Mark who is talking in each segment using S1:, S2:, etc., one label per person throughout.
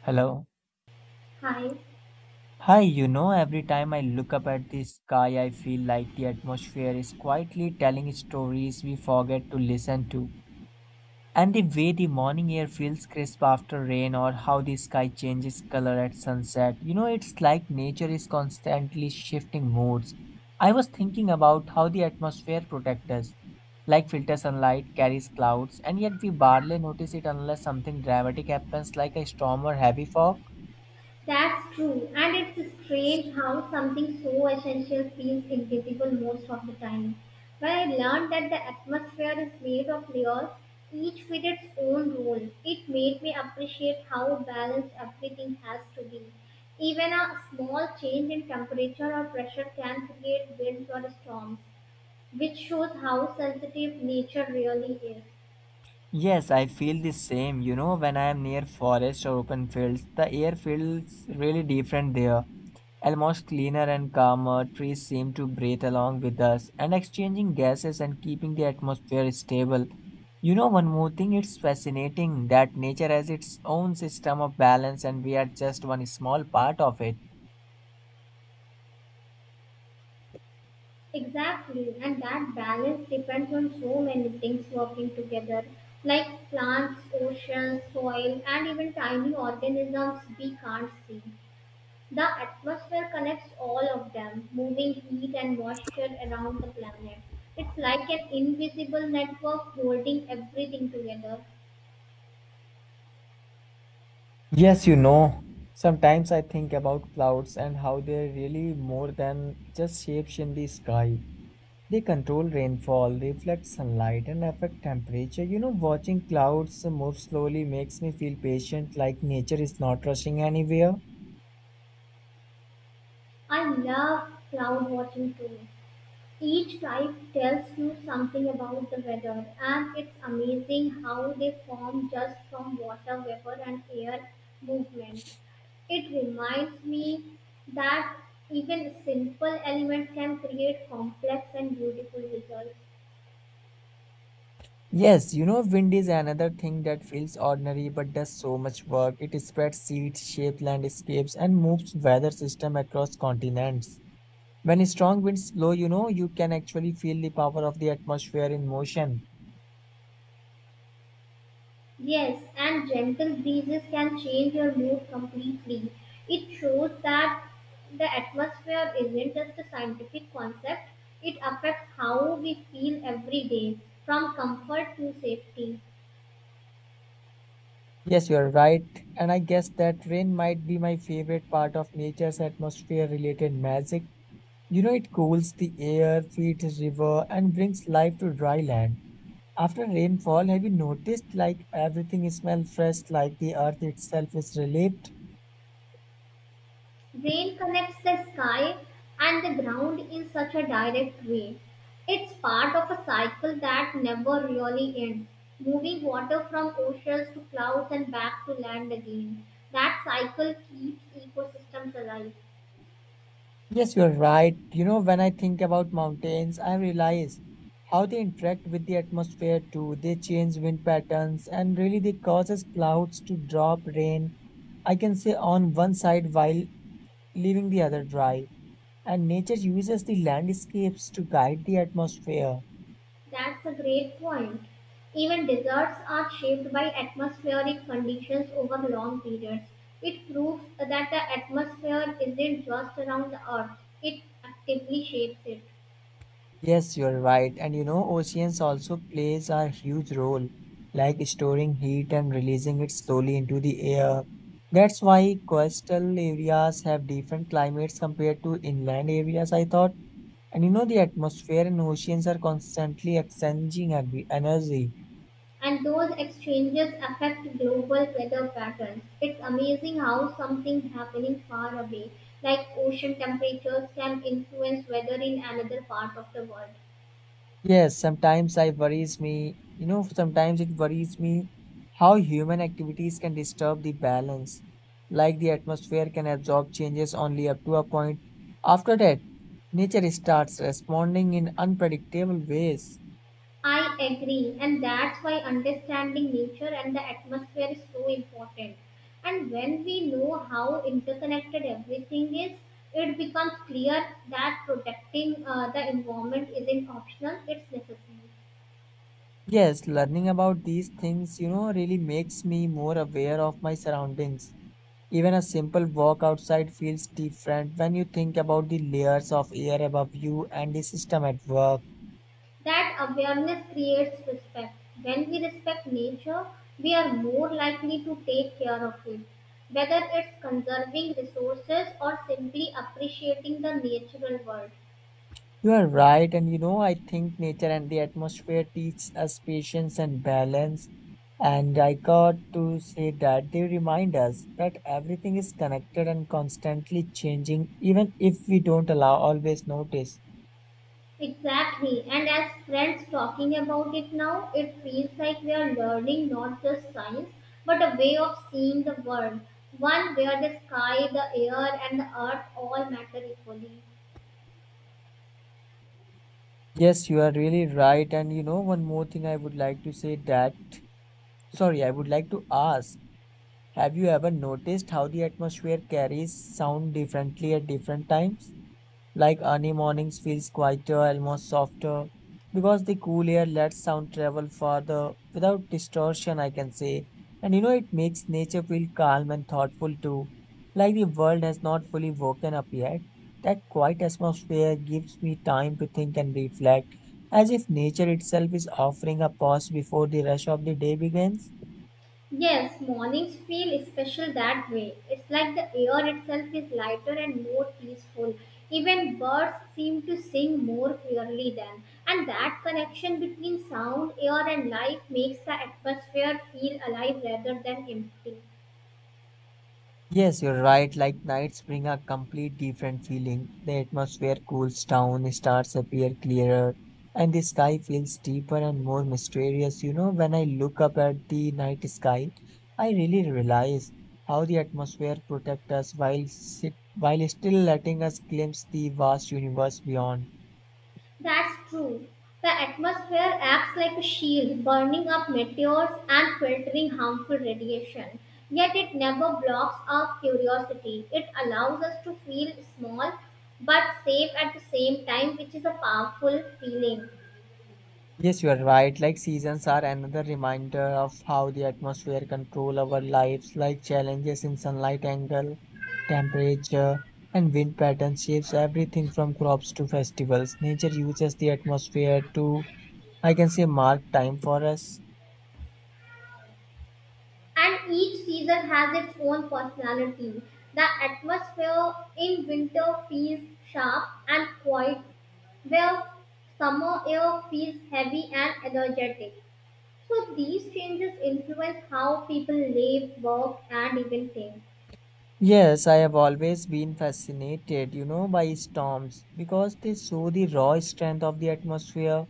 S1: Hello.
S2: Hi,
S1: Hi, every time I look up at the sky, I feel like the atmosphere is quietly telling stories we forget to listen to. And the way the morning air feels crisp after rain, or how the sky changes color at sunset, it's like nature is constantly shifting moods. I was thinking about how the atmosphere protects us. Like filter sunlight carries clouds, and yet we barely notice it unless something dramatic happens, like a storm or heavy fog.
S2: that's true. And it's strange how something so essential feels invisible most of the time. But I learned that the atmosphere is made of layers, each with its own role. It made me appreciate how balanced everything has to be. Even a small change in temperature or pressure can create winds or storms, which shows how sensitive nature really is.
S1: Yes, I feel the same. When I am near forest or open fields, the air feels really different there, almost cleaner and calmer. Trees seem to breathe along with us and exchanging gases and keeping the atmosphere stable. One more thing, it's fascinating that nature has its own system of balance and we are just one small part of it.
S2: Exactly, and that balance depends on so many things working together, like plants, oceans, soil, and even tiny organisms we can't see. The atmosphere connects all of them, moving heat and moisture around the planet. It's like an invisible network holding everything together.
S1: Yes, sometimes I think about clouds and how they're really more than just shapes in the sky. They control rainfall, reflect sunlight, and affect temperature. Watching clouds move slowly makes me feel patient, like nature is not rushing anywhere.
S2: I love cloud watching too. Each type tells you something about the weather, and it's amazing how they form just from water vapor and air movement. It reminds me that even simple elements can create complex and beautiful results.
S1: Yes, wind is another thing that feels ordinary but does so much work. It spreads seeds, shapes landscapes, and moves weather system across continents. When strong winds blow, you can actually feel the power of the atmosphere in motion.
S2: Yes, and gentle breezes can change your mood completely. It shows that the atmosphere isn't just a scientific concept, it affects how we feel every day, from comfort to safety.
S1: Yes, you are right. And I guess that rain might be my favorite part of nature's atmosphere related magic. It cools the air, feeds river, and brings life to dry land. After rainfall, have you noticed like everything smells fresh, like the earth itself is relieved?
S2: Rain connects the sky and the ground in such a direct way. It's part of a cycle that never really ends, moving water from oceans to clouds and back to land again. That cycle keeps ecosystems alive.
S1: Yes, you're right. When I think about mountains, I realize how they interact with the atmosphere too. They change wind patterns and really they causes clouds to drop rain. I can say on one side while leaving the other dry. And nature uses the landscapes to guide the atmosphere.
S2: That's a great point. Even deserts are shaped by atmospheric conditions over long periods. It proves that the atmosphere isn't just around the Earth, it actively shapes it.
S1: Yes, you're right. And oceans also plays a huge role, like storing heat and releasing it slowly into the air. That's why coastal areas have different climates compared to inland areas, I thought. And the atmosphere and oceans are constantly exchanging energy.
S2: And those exchanges affect global weather patterns. It's amazing how something happening far away, like ocean temperatures, can influence weather in another part of the world.
S1: Yes, sometimes I worries me, sometimes it worries me how human activities can disturb the balance. Like the atmosphere can absorb changes only up to a point. After that, nature starts responding in unpredictable ways.
S2: I agree, and that's why understanding nature and the atmosphere is so important. And when we know how interconnected everything is, it becomes clear that protecting the environment isn't optional, it's necessary.
S1: Yes, learning about these things, really makes me more aware of my surroundings. Even a simple walk outside feels different when you think about the layers of air above you and the system at work.
S2: That awareness creates respect. When we respect nature, we are more likely to take care of it. Whether it's conserving resources or simply appreciating the natural world.
S1: You are right, and I think nature and the atmosphere teach us patience and balance. And I got to say that they remind us that everything is connected and constantly changing, even if we don't always notice.
S2: Exactly. And as friends talking about it now, it feels like we are learning not just science, but a way of seeing the world. One where the sky, the air, and the earth all matter equally.
S1: Yes, you are really right. And one more thing I would like to ask, have you ever noticed how the atmosphere carries sound differently at different times? Like early mornings feels quieter, almost softer, because the cool air lets sound travel further without distortion, I can say. And it makes nature feel calm and thoughtful too, like the world has not fully woken up yet. That quiet atmosphere gives me time to think and reflect, as if nature itself is offering a pause before the rush of the day begins.
S2: Yes, mornings feel special that way. It's like the air itself is lighter and more peaceful. Even birds seem to sing more clearly then. And that connection between sound, air, and life makes the atmosphere feel alive rather than empty.
S1: Yes, you're right. Like nights bring a complete different feeling. The atmosphere cools down, stars appear clearer, and the sky feels deeper and more mysterious. When I look up at the night sky, I really realize how the atmosphere protects us while still letting us glimpse the vast universe beyond.
S2: That's true. The atmosphere acts like a shield, burning up meteors and filtering harmful radiation. Yet it never blocks our curiosity. It allows us to feel small but safe at the same time, which is a powerful feeling.
S1: Yes, you are right. Like seasons are another reminder of how the atmosphere control our lives, like challenges in sunlight angle, temperature, and wind pattern shapes everything from crops to festivals. Nature uses the atmosphere to, I can say, mark time for us.
S2: And each season has its own personality. The atmosphere in winter feels sharp and quiet, where summer air feels heavy and energetic. So these changes influence how people live, work, and even think.
S1: Yes, I have always been fascinated, by storms because they show the raw strength of the atmosphere.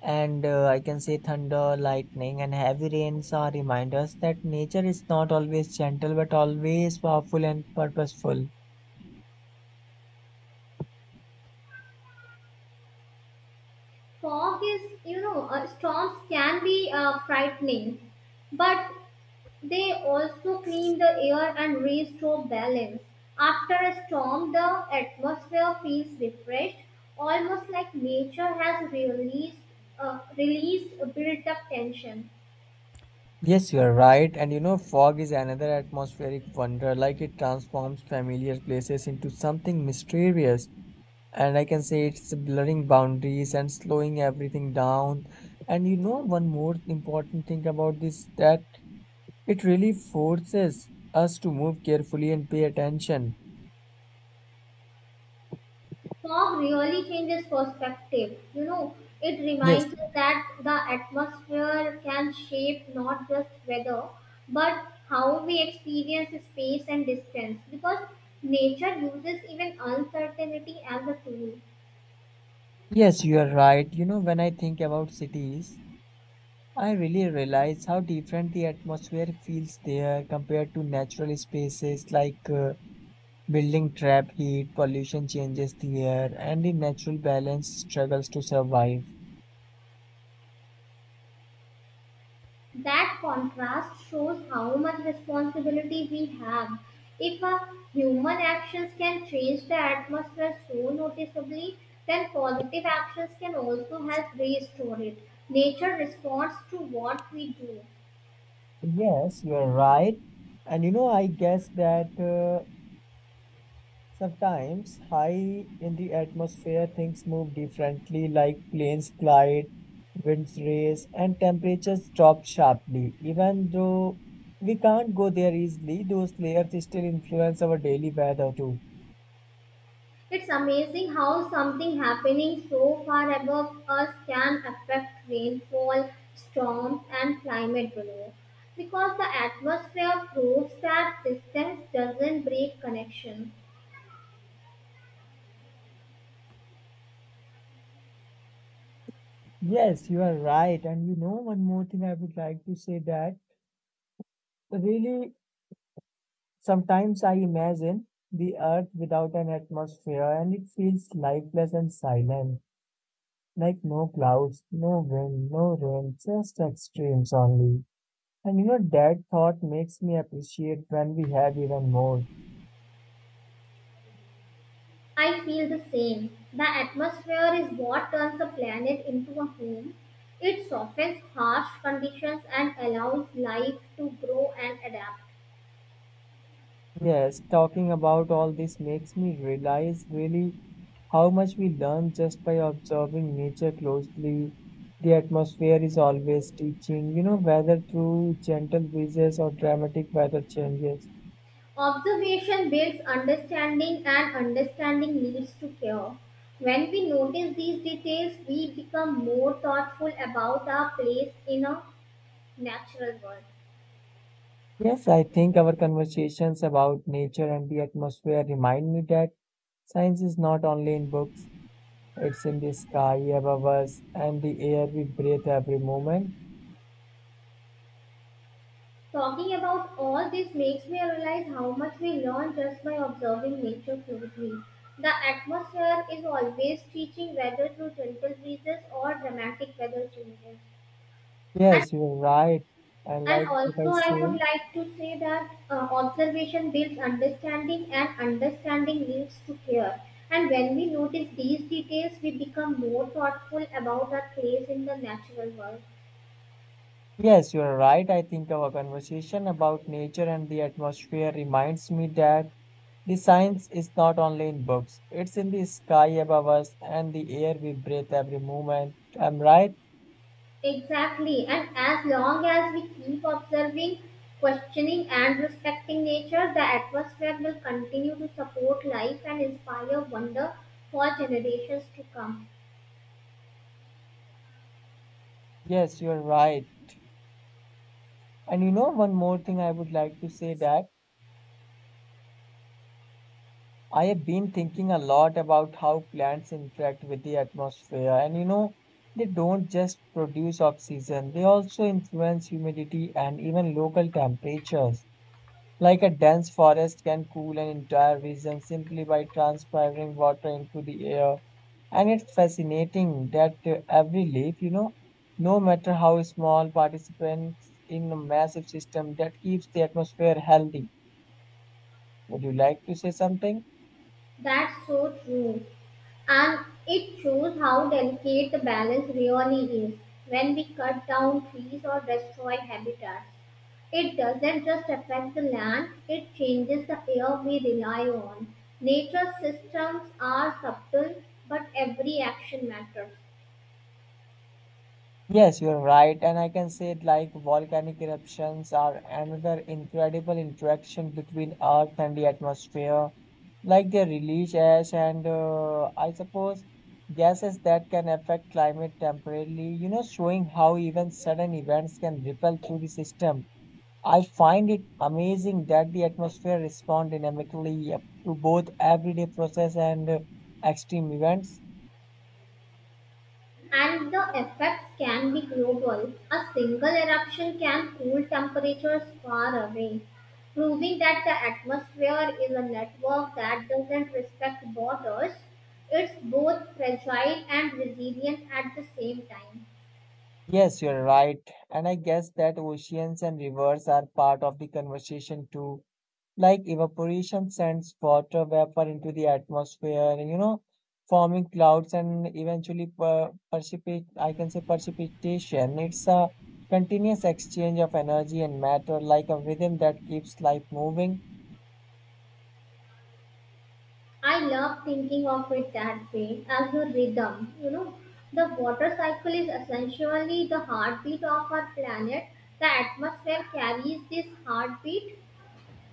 S1: And I can say thunder, lightning, and heavy rains are reminders that nature is not always gentle but always powerful and purposeful.
S2: Fog is, you know, Storms can be frightening, but they also clean the air and restore balance. After a storm, the atmosphere feels refreshed, almost like nature has released built-up tension.
S1: Yes, you are right. And fog is another atmospheric wonder, like it transforms familiar places into something mysterious. And I can say it's blurring boundaries and slowing everything down. And one more important thing about this that it really forces us to move carefully and pay attention.
S2: Fog really changes perspective. You know, it
S1: Yes,
S2: reminds us that the atmosphere can shape not just weather, but how we experience space and distance because nature uses even uncertainty as a tool.
S1: yes, you are right. When I think about cities, I really realize how different the atmosphere feels there compared to natural spaces like building trap heat, pollution changes the air, and the natural balance struggles to survive.
S2: That contrast shows how much responsibility we have. If our human actions can change the atmosphere so noticeably, then positive actions can also help restore it. Nature responds to what we do.
S1: Yes, you're right. And I guess that sometimes high in the atmosphere things move differently, like planes glide, winds race, and temperatures drop sharply. Even though we can't go there easily, those layers still influence our daily weather too.
S2: It's amazing how something happening so far above us can affect rainfall, storms, and climate below. Because the atmosphere proves that distance doesn't break connection.
S1: Yes, you are right. And one more thing I would like to say that really sometimes I imagine the earth without an atmosphere and it feels lifeless and silent, like no clouds, no wind, no rain, just extremes only. And that thought makes me appreciate when we have even more.
S2: I feel the same. The atmosphere is what turns a planet into a home. It softens harsh conditions and allows life to grow and adapt.
S1: Yes, talking about all this makes me realize really how much we learn just by observing nature closely. The atmosphere is always teaching, whether through gentle breezes or dramatic weather changes.
S2: Observation builds understanding, and understanding leads to care. When we notice these details, we become more thoughtful about our place in a natural world.
S1: Yes, I think our conversations about nature and the atmosphere remind me that science is not only in books, it's in the sky above us and the air we breathe every moment.
S2: Talking about all this makes me realize how much we learn just by observing nature closely. The atmosphere is always teaching whether through gentle breezes or dramatic weather changes. And,
S1: Yes, you're right. And
S2: and
S1: like if
S2: also,
S1: I
S2: I would
S1: say,
S2: like to say that observation builds understanding, and understanding leads to care. And when we notice these details, we become more thoughtful about our place in the natural world.
S1: yes, you're right. I think our conversation about nature and the atmosphere reminds me that the science is not only in books, it's in the sky above us and the air we breathe every moment. I'm right.
S2: Exactly, and as long as we keep observing, questioning, and respecting nature, the atmosphere will continue to support life and inspire wonder for generations to come.
S1: Yes, you're right. And one more thing I would like to say that I have been thinking a lot about how plants interact with the atmosphere. And they don't just produce oxygen, they also influence humidity and even local temperatures. Like a dense forest can cool an entire region simply by transpiring water into the air. And it's fascinating that every leaf, no matter how small, participates in a massive system that keeps the atmosphere healthy. Would you like to say something?
S2: That's so true, and it shows how delicate the balance really is when we cut down trees or destroy habitats. It doesn't just affect the land, it changes the air we rely on. Nature's systems are subtle, but every action matters.
S1: Yes, you're right. And I can say it like volcanic eruptions are another incredible interaction between Earth and the atmosphere. Like they release ash and I suppose gases that can affect climate temporarily, showing how even sudden events can ripple through the system. I find it amazing that the atmosphere responds dynamically to both everyday process and extreme events.
S2: And the effects can be global. A single eruption can cool temperatures far away, proving that the atmosphere is a network that doesn't respect borders. It's both fragile and resilient at the same time.
S1: Yes, you're right. And I guess that oceans and rivers are part of the conversation too. Like evaporation sends water vapor into the atmosphere, forming clouds and eventually I can say precipitation. It's a continuous exchange of energy and matter, like a rhythm that keeps life moving.
S2: I love thinking of it that way as a rhythm. You know, the water cycle is essentially the heartbeat of our planet. The atmosphere carries this heartbeat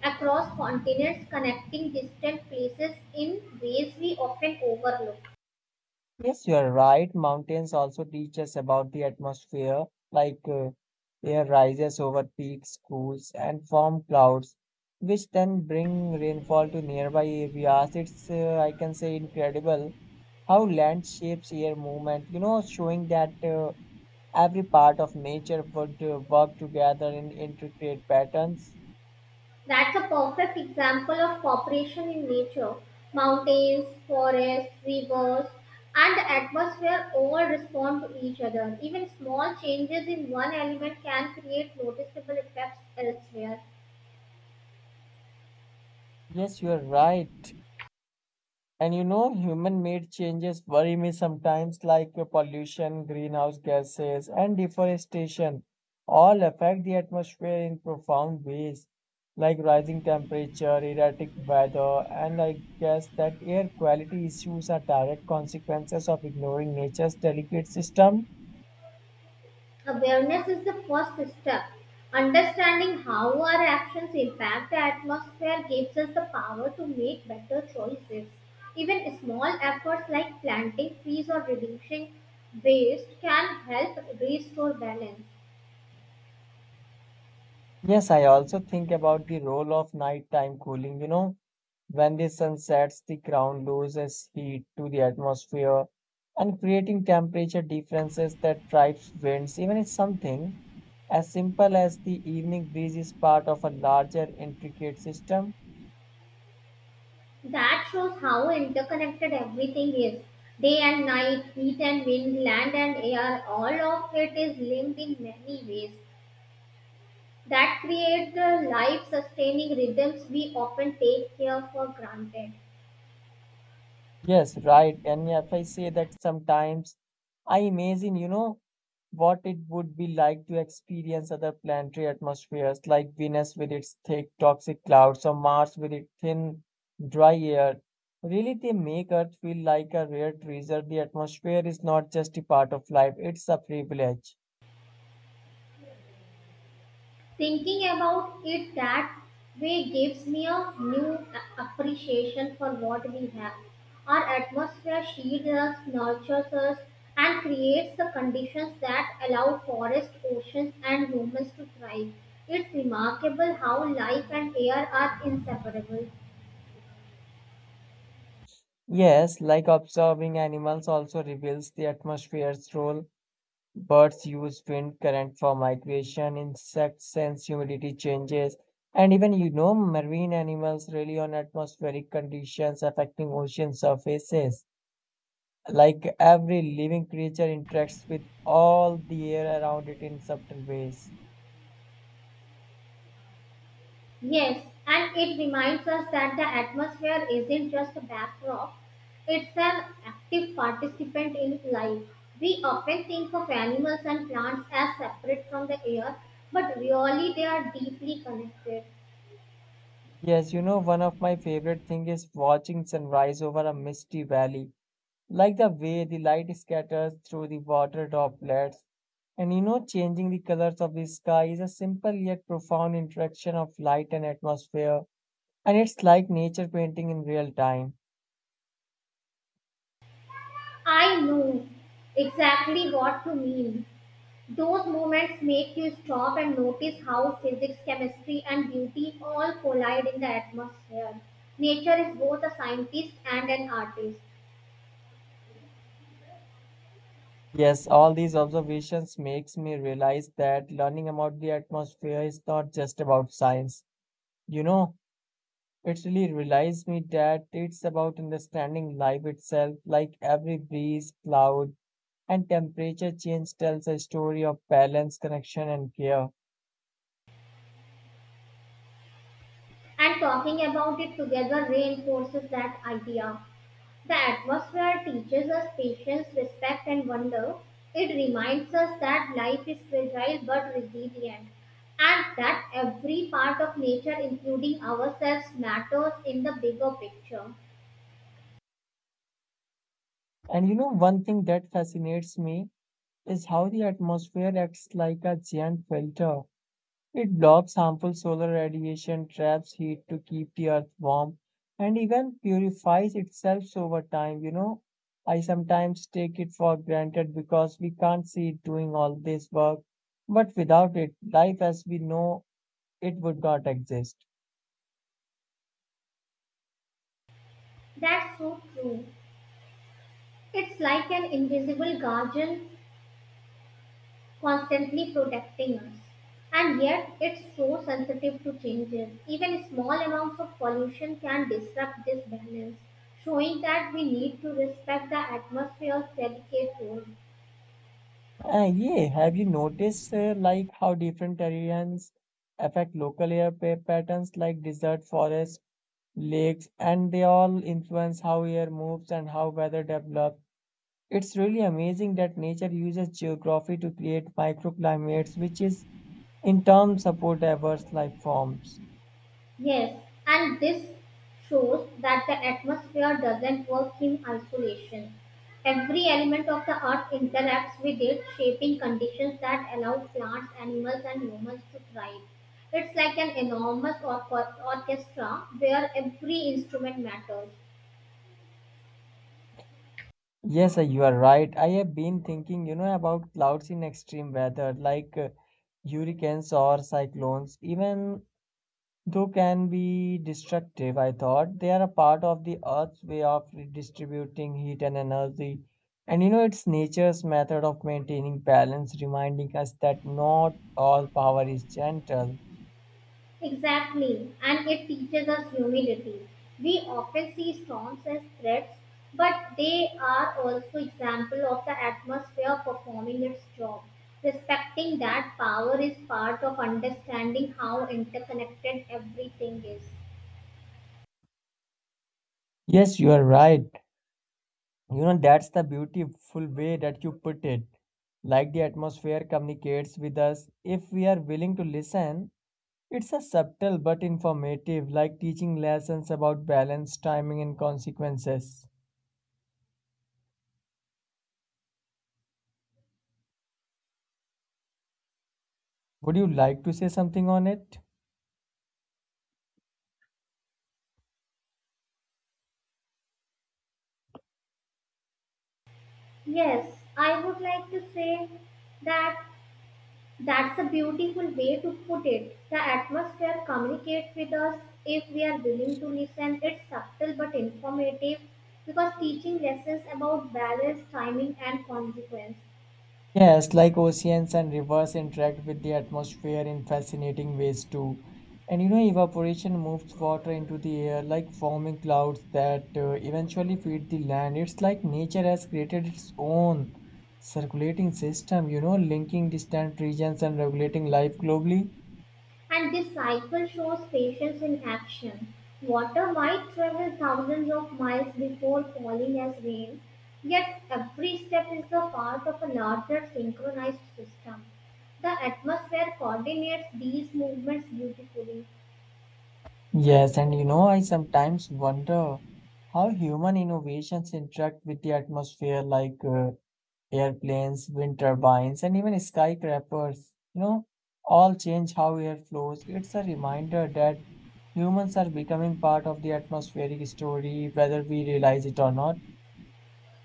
S2: across continents, connecting distant places in ways we often overlook.
S1: Yes, you are right. Mountains also teach us about the atmosphere, like air rises over peaks, cools, and form clouds, which then bring rainfall to nearby areas. It's, I can say, incredible how land shapes air movement, showing that every part of nature would work together in intricate patterns.
S2: That's a perfect example of cooperation in nature. Mountains, forests, rivers, and the atmosphere all respond to each other. Even small changes in one element can create noticeable effects elsewhere.
S1: Yes, you are right. And human made changes worry me sometimes, like pollution, greenhouse gases, and deforestation all affect the atmosphere in profound ways, like rising temperature, erratic weather, and I guess that air quality issues are direct consequences of ignoring nature's delicate system.
S2: Awareness is the first step. Understanding how our actions impact the atmosphere gives us the power to make better choices. Even small efforts like planting trees or reducing waste can help restore balance.
S1: Yes, I also think about the role of nighttime cooling, when the sun sets, the ground loses heat to the atmosphere and creating temperature differences that drive winds. Even if something as simple as the evening breeze is part of a larger intricate system.
S2: That shows how interconnected everything is. Day and night, heat and wind, land and air, all of it is linked in many ways that create the life sustaining rhythms we often take here for granted.
S1: Yes, right. And if I say that sometimes I imagine, what it would be like to experience other planetary atmospheres like Venus with its thick toxic clouds or Mars with its thin dry air. Really, they make Earth feel like a rare treasure. The atmosphere is not just a part of life, it's a privilege.
S2: Thinking about it that way gives me a new appreciation for what we have. Our atmosphere shields us, nurtures us, and creates the conditions that allow forests, oceans, and humans to thrive. It's remarkable how life and air are inseparable.
S1: Yes, like observing animals also reveals the atmosphere's role. Birds use wind current for migration, insects sense humidity changes, and even marine animals rely on atmospheric conditions affecting ocean surfaces. Like every living creature interacts with all the air around it in subtle ways.
S2: Yes, and it reminds us that the atmosphere isn't just a backdrop, it's an active participant in life. We often think of animals and plants as separate from the air, but really they are deeply connected.
S1: Yes, you know, one of my favorite thing is watching sunrise over a misty valley. Like the way the light scatters through the water droplets. And you know, changing the colors of the sky is a simple yet profound interaction of light and atmosphere, and it's like nature painting in real time.
S2: I know exactly what you mean. Those moments make you stop and notice how physics, chemistry, and beauty all collide in the atmosphere. Nature is both a scientist and an artist.
S1: Yes, all these observations makes me realize that learning about the atmosphere is not just about science. You know, it really realized me that it's about understanding life itself, like every breeze, cloud, and temperature change tells a story of balance, connection, and care.
S2: And talking about it together reinforces that idea. The atmosphere teaches us patience, respect, and wonder. It reminds us that life is fragile but resilient, and that every part of nature, including ourselves, matters in the bigger picture.
S1: And you know, one thing that fascinates me is how the atmosphere acts like a giant filter. It blocks harmful solar radiation, traps heat to keep the earth warm, and even purifies itself over time. You know, I sometimes take it for granted because we can't see it doing all this work. But without it, life as we know it would not exist.
S2: That's so true. It's like an invisible guardian constantly protecting us. And yet, it's so sensitive to changes. Even small amounts of pollution can disrupt this balance, showing that we need to respect the atmosphere's delicate role.
S1: Yeah, have you noticed like how different terrains affect local air patterns like desert forests, lakes, and they all influence how air moves and how weather develops. It's really amazing that nature uses geography to create microclimates, which is in turn support diverse life forms.
S2: Yes, and this shows that the atmosphere doesn't work in isolation. Every element of the earth interacts with it, shaping conditions that allow plants, animals, and humans to thrive. It's like an enormous orchestra where every instrument matters.
S1: Yes, you are right. I have been thinking, you know, about clouds in extreme weather, like hurricanes or cyclones. Even though can be destructive, I thought they are a part of the Earth's way of redistributing heat and energy. And you know, it's nature's method of maintaining balance, reminding us that not all power is gentle.
S2: Exactly, and it teaches us humility. We often see storms as threats, but they are also example of the atmosphere performing its job. Respecting that power is part of understanding how interconnected everything is.
S1: Yes, you are right. You know, that's the beautiful way that you put it. Like the atmosphere communicates with us if we are willing to listen. It's a subtle but informative, like teaching lessons about balance, timing, and consequences. Would you like to say something on it?
S2: Yes, I would like to say that that's a beautiful way to put it. The atmosphere communicates with us if we are willing to listen. It's subtle but informative because teaching lessons about balance, timing, and consequence.
S1: Yes, like oceans and rivers interact with the atmosphere in fascinating ways too. And you know, evaporation moves water into the air like forming clouds that eventually feed the land. It's like nature has created its own circulating system, you know, linking distant regions and regulating life globally.
S2: And this cycle shows patience in action. Water might travel thousands of miles before falling as rain, yet every step is a part of a larger synchronized system. The atmosphere coordinates these movements beautifully.
S1: Yes, and you know, I sometimes wonder how human innovations interact with the atmosphere, like airplanes, wind turbines, and even skyscrapers, you know, all change how air flows. It's a reminder that humans are becoming part of the atmospheric story, whether we realize it or not.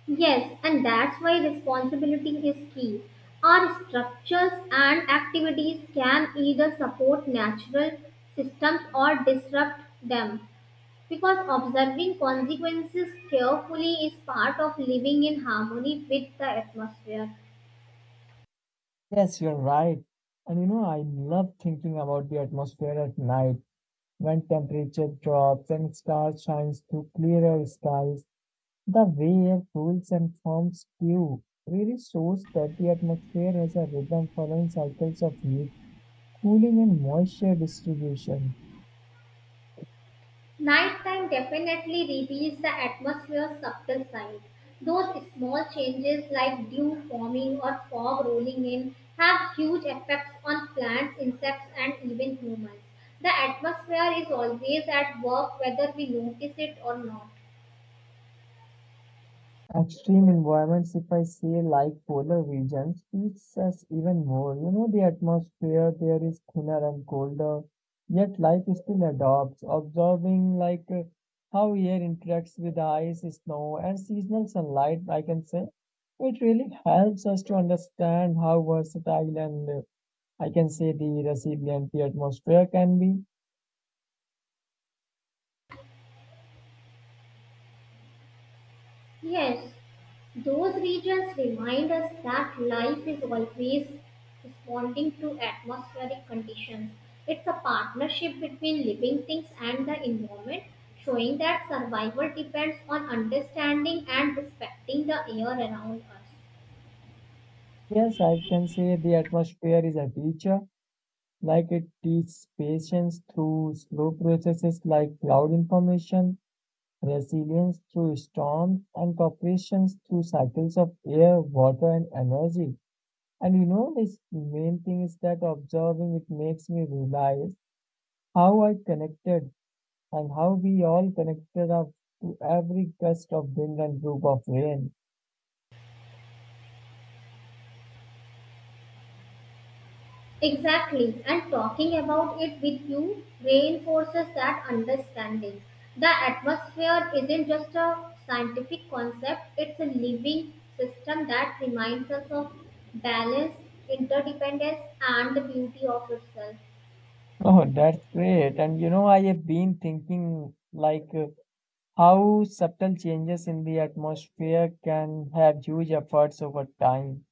S2: Yes, and that's why responsibility is key. Our structures and activities can either support natural systems or disrupt them because observing consequences carefully is part of living in harmony with the atmosphere.
S1: Yes, you're right. And you know, I love thinking about the atmosphere at night when temperature drops and stars shines through clearer skies. The way air cools and forms dew really shows that the atmosphere has a rhythm following cycles of heat, cooling and moisture distribution.
S2: Nighttime definitely reveals the atmosphere's subtle side. Those small changes like dew forming or fog rolling in have huge effects on plants, insects, and even humans. The atmosphere is always at work whether we notice it or not.
S1: Extreme environments, if I say like polar regions, feeds us even more. You know, the atmosphere there is thinner and colder, yet life still adopts, observing like how air interacts with ice, snow, and seasonal sunlight, I can say. It really helps us to understand how versatile and I can say the resilient the atmosphere can be.
S2: Yes. Those regions remind us that life is always responding to atmospheric conditions. It's a partnership between living things and the environment, showing that survival depends on understanding and respecting the air around us.
S1: Yes, I can say the atmosphere is a teacher. Like it teaches patience through slow processes like cloud information, resilience through storms, and cooperation through cycles of air, water, and energy. And you know, this main thing is that observing it makes me realize how I connected and how we all connected up to every gust of wind and droop of rain.
S2: Exactly, and talking about it with you reinforces that understanding. The atmosphere isn't just a scientific concept, it's a living system that reminds us of balance, interdependence, and the beauty of itself.
S1: Oh, that's great. And you know, I have been thinking like. How subtle changes in the atmosphere can have huge effects over time.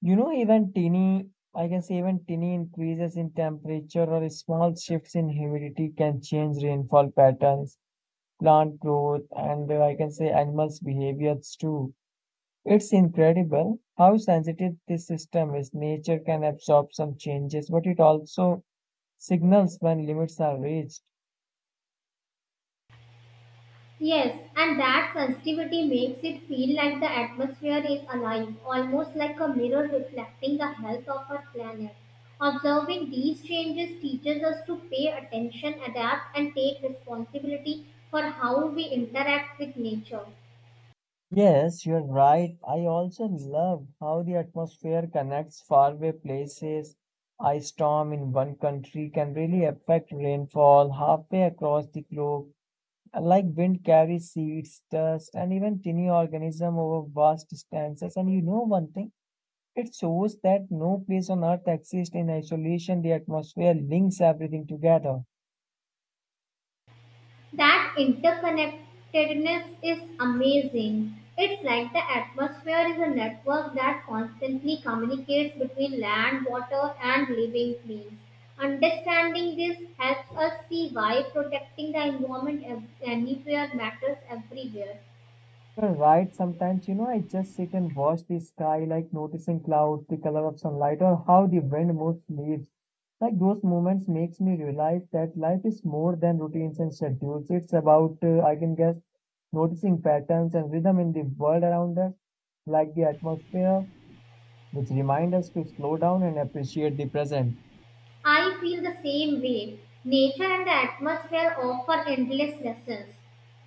S1: You know, even tiny, I can say, even tiny increases in temperature or small shifts in humidity can change rainfall patterns, plant growth, and I can say animals' behaviors too. It's incredible how sensitive this system is. Nature can absorb some changes, but it also signals when limits are reached.
S2: Yes, and that sensitivity makes it feel like the atmosphere is alive, almost like a mirror reflecting the health of our planet. Observing these changes teaches us to pay attention, adapt, and take responsibility for how we interact with nature.
S1: Yes, you're right. I also love how the atmosphere connects faraway places. A storm in one country can really affect rainfall halfway across the globe, like wind carries seeds, dust, and even tiny organisms over vast distances. And you know one thing, it shows that no place on earth exists in isolation. The atmosphere links everything together.
S2: That interconnectedness is amazing. It's like the atmosphere is a network that constantly communicates between land, water, and living beings. Understanding this helps us see why protecting the environment anywhere matters everywhere.
S1: You're right. Sometimes, you know, I just sit and watch the sky, like noticing clouds, the color of sunlight, or how the wind moves leaves. Like those moments makes me realize that life is more than routines and schedules. It's about, I can guess, noticing patterns and rhythm in the world around us, like the atmosphere, which remind us to slow down and appreciate the present.
S2: I feel the same way. Nature and the atmosphere offer endless lessons,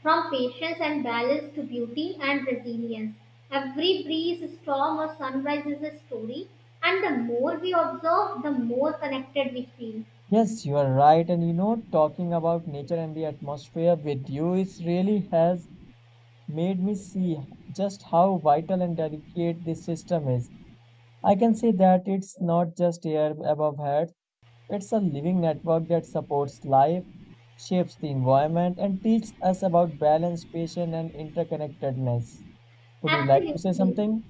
S2: from patience and balance to beauty and resilience. Every breeze, storm, or sunrise is a story, and the more we observe, the more connected we feel.
S1: Yes, you are right. And you know, talking about nature and the atmosphere with you is really has made me see just how vital and delicate this system is. I can see that it's not just air above heads, it's a living network that supports life, shapes the environment, and teaches us about balance, patience, and interconnectedness. Would you like to say
S2: Absolutely.
S1: something?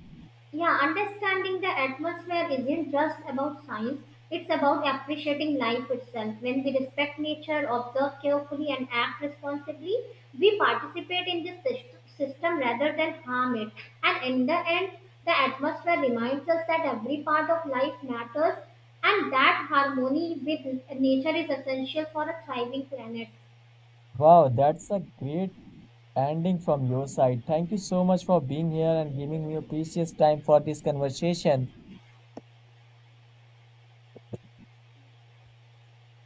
S2: Yeah, understanding the atmosphere isn't just about science, it's about appreciating life itself. When we respect nature, observe carefully, and act responsibly, we participate in this system rather than harm it. And in the end, the atmosphere reminds us that every part of life matters and that harmony with nature is essential for a thriving planet.
S1: Wow, that's a great ending from your side. Thank you so much for being here and giving me your precious time for this conversation.